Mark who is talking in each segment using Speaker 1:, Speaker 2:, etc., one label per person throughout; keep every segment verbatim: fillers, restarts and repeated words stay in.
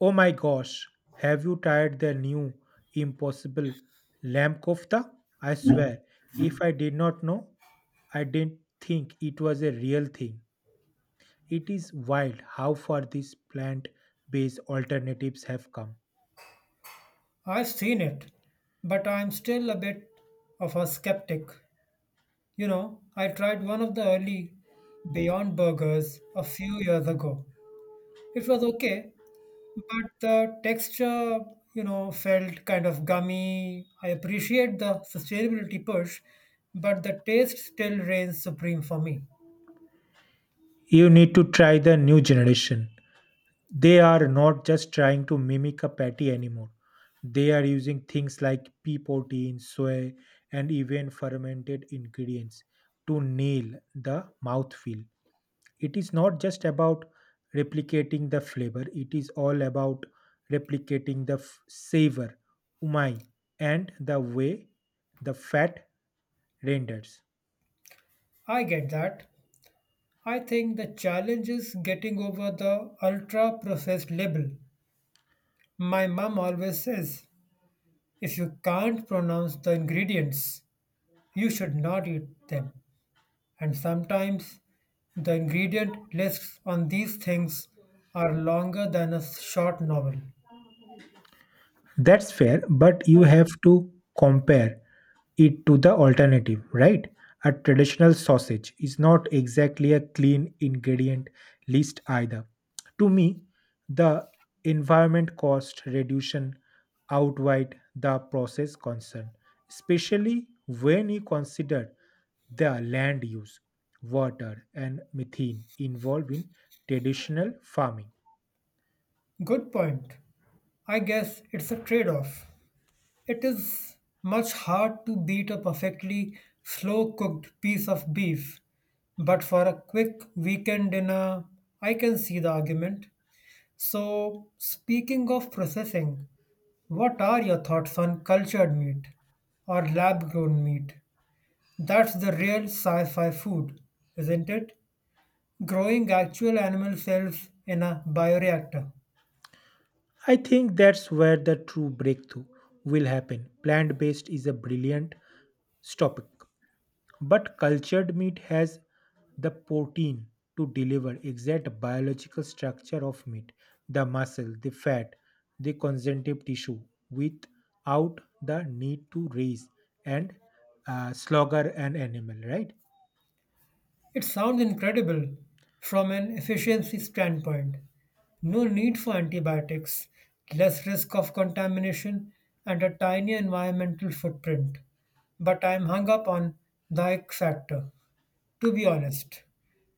Speaker 1: Oh my gosh, have you tried their new impossible lamb kofta? I swear, if I did not know, I didn't think it was a real thing. It is wild how far these plant based alternatives have come.
Speaker 2: I've seen it, but I'm still a bit of a skeptic. You know, I tried one of the early Beyond Burgers a few years ago. It was okay, but the texture, you know, felt kind of gummy. I appreciate the sustainability push, but the taste still reigns supreme for me.
Speaker 1: You need to try the new generation. They are not just trying to mimic a patty anymore. They are using things like pea protein, soy, and even fermented ingredients to nail the mouthfeel. It is not just about replicating the flavor. It is all about replicating the f- savor, umami, and the way the fat renders.
Speaker 2: I get that. I think the challenge is getting over the ultra processed label. My mum always says If you can't pronounce the ingredients, you should not eat them. And sometimes the ingredient lists on these things are longer than a short novel.
Speaker 1: That's fair, but you have to compare it to the alternative, right? A traditional sausage is not exactly a clean ingredient list either. To me, the environment cost reduction outweighed the process concern, especially when you consider the land use, water, and methane involved in traditional farming.
Speaker 2: Good point. I guess it's a trade off. It is much hard to beat a perfectly slow cooked piece of beef, but for a quick weekend dinner, I can see the argument. So, speaking of processing, what are your thoughts on cultured meat or lab grown meat? That's the real sci fi food, isn't it? Growing actual animal cells in a bioreactor.
Speaker 1: I think that's where the true breakthrough will happen. Plant based is a brilliant topic, but cultured meat has the protein to deliver exact biological structure of meat, the muscle, the fat, the conjunctive tissue, without the need to raise and uh, slaughter an animal, right?
Speaker 2: It sounds incredible from an efficiency standpoint. No need for antibiotics, less risk of contamination, and a tiny environmental footprint. But I'm hung up on the ick factor, to be honest.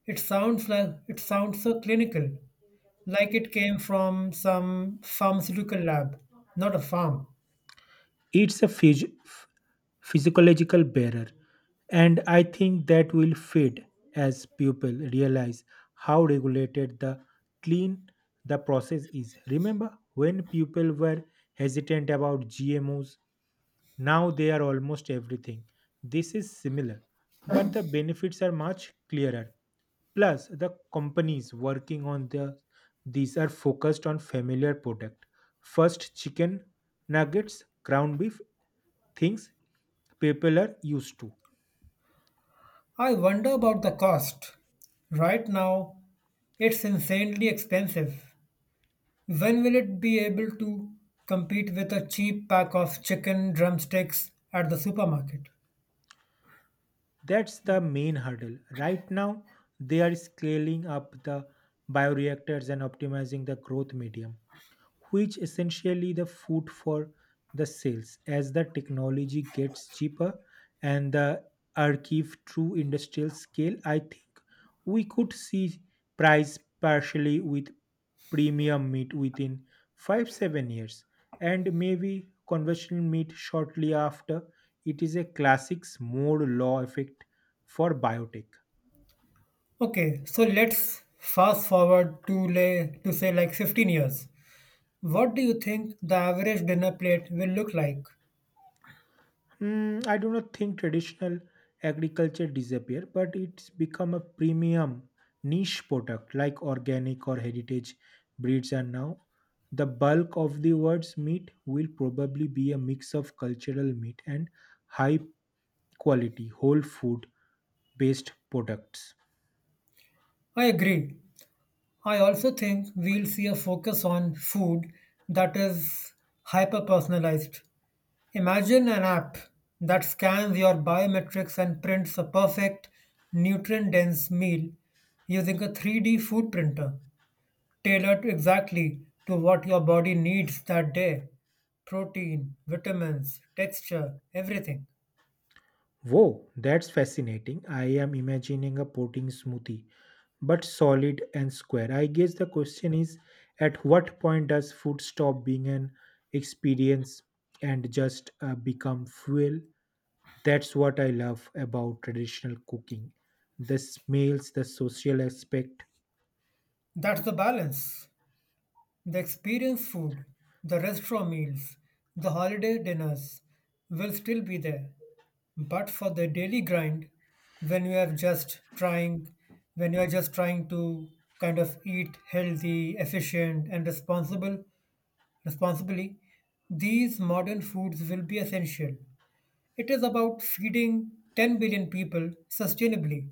Speaker 2: It sounds like it sounds so clinical, like it came from some pharmaceutical lab, not a farm.
Speaker 1: It's a phys- physiological barrier, and I think that will fade as people realize how regulated the clean the process is. Remember when people were hesitant about G M Os? Now they are almost everything. This is similar, but the benefits are much clearer. Plus, the companies working on the these are focused on familiar product. First, chicken nuggets, ground beef, things people are used to.
Speaker 2: I wonder about the cost. Right now, it's insanely expensive. When will it be able to compete with a cheap pack of chicken drumsticks at the supermarket?
Speaker 1: That's the main hurdle. Right now, they are scaling up the bioreactors and optimizing the growth medium, which essentially the food for the sales as the technology gets cheaper and the archive true industrial scale, I think we could see price partially with premium meat within five seven years and maybe conventional meat shortly after. It is a classics more law effect for biotech.
Speaker 2: Okay, so let's fast forward to, lay, to say like fifteen years. What do you think the average dinner plate will look like?
Speaker 1: Mm, I do not think traditional agriculture disappear, but it's become a premium niche product like organic or heritage breeds are now. The bulk of the world's meat will probably be a mix of cultural meat and high quality whole food based products.
Speaker 2: I agree. I also think we'll see a focus on food that is hyper personalized. Imagine an app that scans your biometrics and prints a perfect, nutrient dense meal using a three D food printer tailored exactly to what your body needs that day: protein, vitamins, texture, everything.
Speaker 1: Whoa, that's fascinating. I am imagining a protein smoothie, but solid and square. I guess the question is at what point does food stop being an experience and just uh, become fuel? That's what I love about traditional cooking, the smells, the social aspect.
Speaker 2: That's the balance. The experience food, the restaurant meals, the holiday dinners will still be there. But for the daily grind, when you are just trying, when you are just trying to kind of eat healthy, efficient, and responsible, responsibly, these modern foods will be essential. It is about feeding 10 billion people sustainably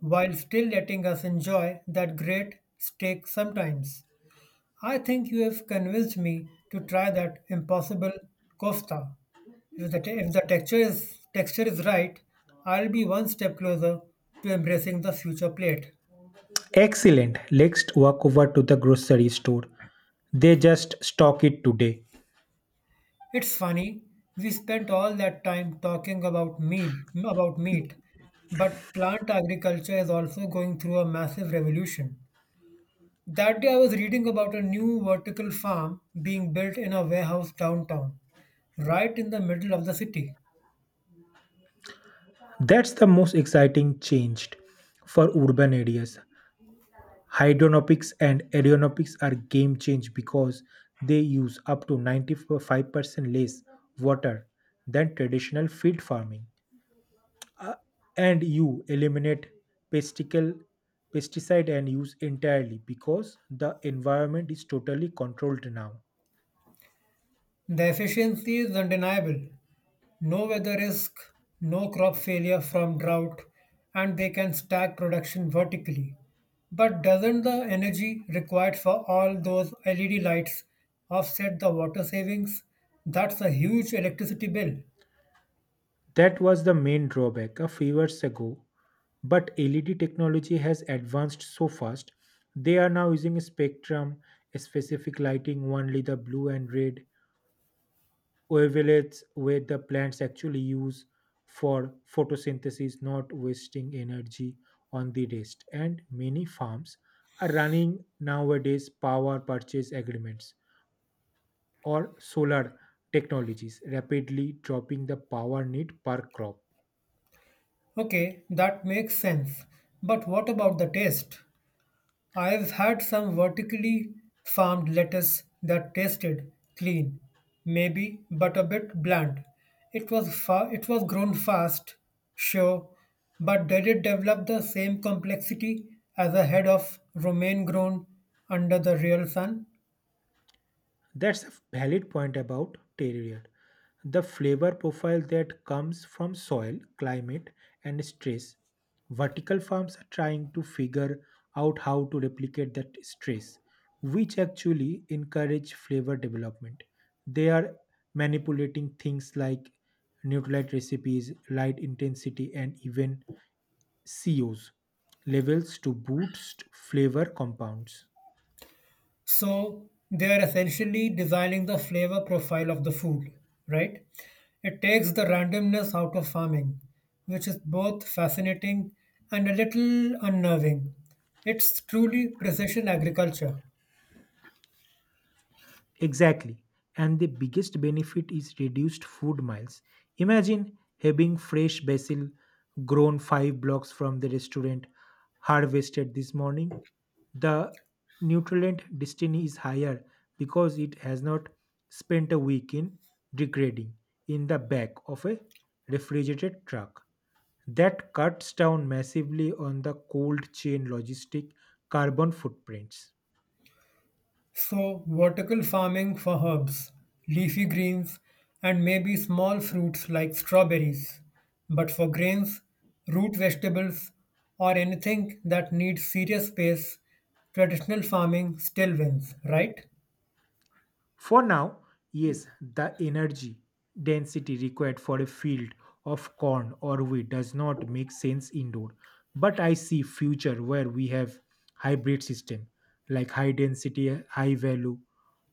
Speaker 2: while still letting us enjoy that great steak sometimes. I think you have convinced me to try that impossible kofta. If the, te- if the texture is texture is right, I'll be one step closer to embracing the future plate.
Speaker 1: Excellent. Let's walk over to the grocery store. They just stock it today.
Speaker 2: It's funny, we spent all that time talking about meal about meat, but plant agriculture is also going through a massive revolution. That day I was reading about a new vertical farm being built in a warehouse downtown, right in the middle of the city.
Speaker 1: That's the most exciting change for urban areas. Hydronomics and aeronomics are game change because they use up to ninety-five percent less water than traditional field farming. Uh, and you eliminate pesticle, pesticide and use entirely because the environment is totally controlled now.
Speaker 2: The efficiency is undeniable. No weather risk, no crop failure from drought, and they can stack production vertically. But doesn't the energy required for all those L E D lights offset the water savings? That's a huge electricity bill.
Speaker 1: That was the main drawback a few years ago, but L E D technology has advanced so fast. They are now using a spectrum, a specific lighting, only the blue and red, ovulates where the plants actually use for photosynthesis, not wasting energy on the rest. And many farms are running nowadays power purchase agreements or solar technologies, rapidly dropping the power need per crop.
Speaker 2: Okay, that makes sense. But what about the taste? I've had some vertically farmed lettuce that tasted clean, maybe, but a bit bland. It was fa- it was grown fast, sure, but did it develop the same complexity as a head of romaine grown under the real sun?
Speaker 1: That's a valid point about terroir, the flavor profile that comes from soil, climate, and stress. Vertical farms are trying to figure out how to replicate that stress, which actually encourage flavor development. They are manipulating things like nutrient recipes, light intensity, and even C O s levels to boost flavor compounds.
Speaker 2: So they are essentially designing the flavor profile of the food, right? It takes the randomness out of farming, which is both fascinating and a little unnerving. It's truly precision agriculture.
Speaker 1: Exactly. And the biggest benefit is reduced food miles. Imagine having fresh basil grown five blocks from the restaurant harvested this morning. The nutrient destiny is higher because it has not spent a week in degrading in the back of a refrigerated truck. That cuts down massively on the cold chain logistic carbon footprints.
Speaker 2: So, vertical farming for herbs, leafy greens, and maybe small fruits like strawberries. But for grains, root vegetables, or anything that needs serious space, traditional farming still wins, right?
Speaker 1: For now, yes, the energy density required for a field of corn or wheat does not make sense indoor, but I see future where we have hybrid system like high density, high value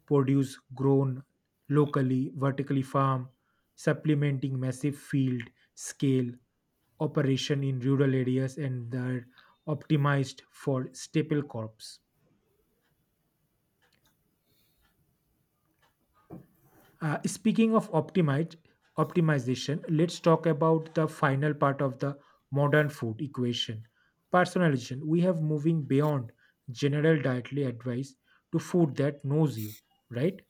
Speaker 1: produce grown locally, vertically farm, supplementing massive field scale operation in rural areas and they're optimized for staple crops. Uh, speaking of optimize, optimization, let's talk about the final part of the modern food equation personalization. We have moving beyond general dietary advice to food that knows you, right?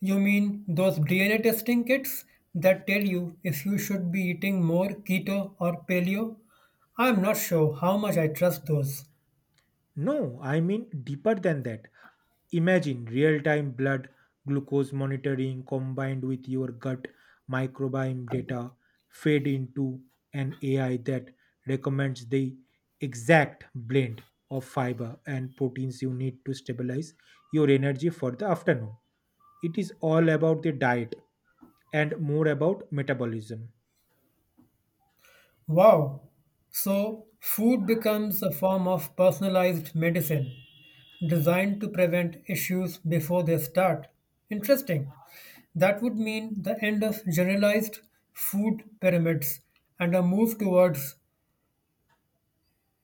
Speaker 2: You mean those D N A testing kits that tell you if you should be eating more keto or paleo? I'm not sure how much I trust those.
Speaker 1: No, I mean deeper than that. Imagine real time blood glucose monitoring combined with your gut microbiome data fed into an A I that recommends the exact blend of fiber and proteins you need to stabilize your energy for the afternoon. It is all about the diet and more about metabolism.
Speaker 2: Wow! So, food becomes a form of personalized medicine designed to prevent issues before they start. Interesting. That would mean the end of generalized food pyramids and a move towards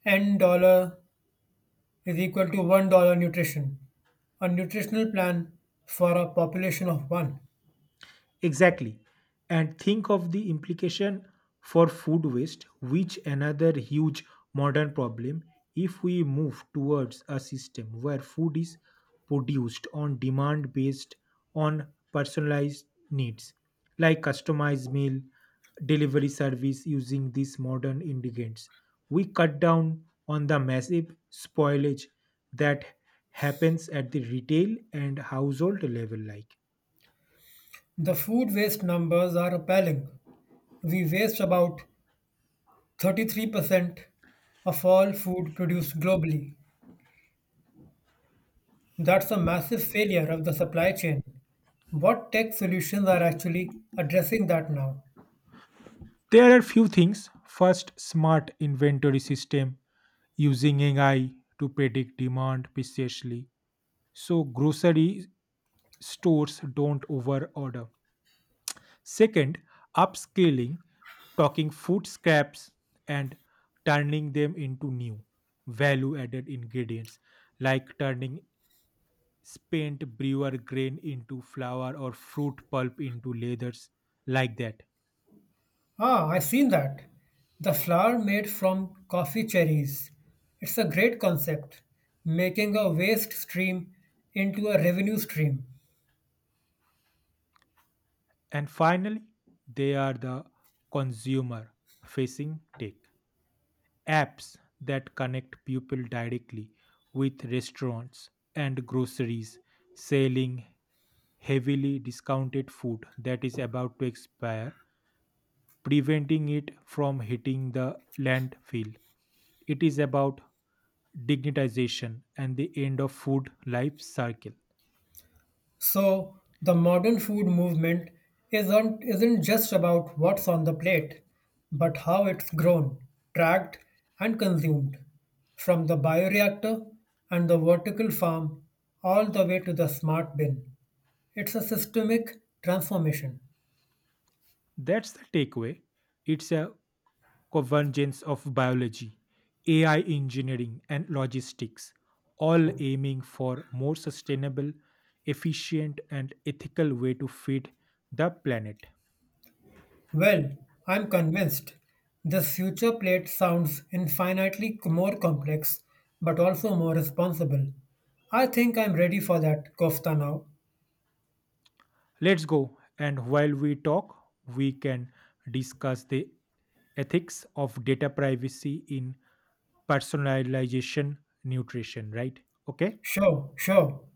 Speaker 2: N dollar is equal to one dollar nutrition, a nutritional plan for a population of one.
Speaker 1: Exactly. And think of the implication for food waste, which another huge modern problem if we move towards a system where food is produced on demand based on personalized needs like customized meal delivery service using these modern ingredients we cut down on the massive spoilage that happens at the retail and household level like.
Speaker 2: The food waste numbers are appalling. We waste about thirty-three percent of all food produced globally. That's a massive failure of the supply chain. What tech solutions are actually addressing that now?
Speaker 1: There are few things. First, smart inventory system using A I to predict demand precisely so grocery stores don't overorder. Second, upscaling, talking food scraps and turning them into new value added ingredients like turning spent brewer grain into flour or fruit pulp into leathers like that.
Speaker 2: Ah, I've seen that. The flour made from coffee cherries. It's a great concept, making a waste stream into a revenue stream.
Speaker 1: And finally, they are the consumer facing tech apps that connect people directly with restaurants and groceries selling heavily discounted food that is about to expire, preventing it from hitting the landfill. It is about dignitization and the end of food life cycle.
Speaker 2: So the modern food movement isn't isn't just about what's on the plate, but how it's grown, tracked, and consumed, from the bioreactor and the vertical farm all the way to the smart bin. It's a systemic transformation.
Speaker 1: That's the takeaway. It's a convergence of biology, A I engineering, and logistics, all aiming for more sustainable, efficient, and ethical way to feed the planet.
Speaker 2: Well, I'm convinced this future plate sounds infinitely more complex, but also more responsible. I think I'm ready for that kofta now.
Speaker 1: Let's go, and while we talk, we can discuss the ethics of data privacy in personalization nutrition, right? Okay.
Speaker 2: Sure, sure.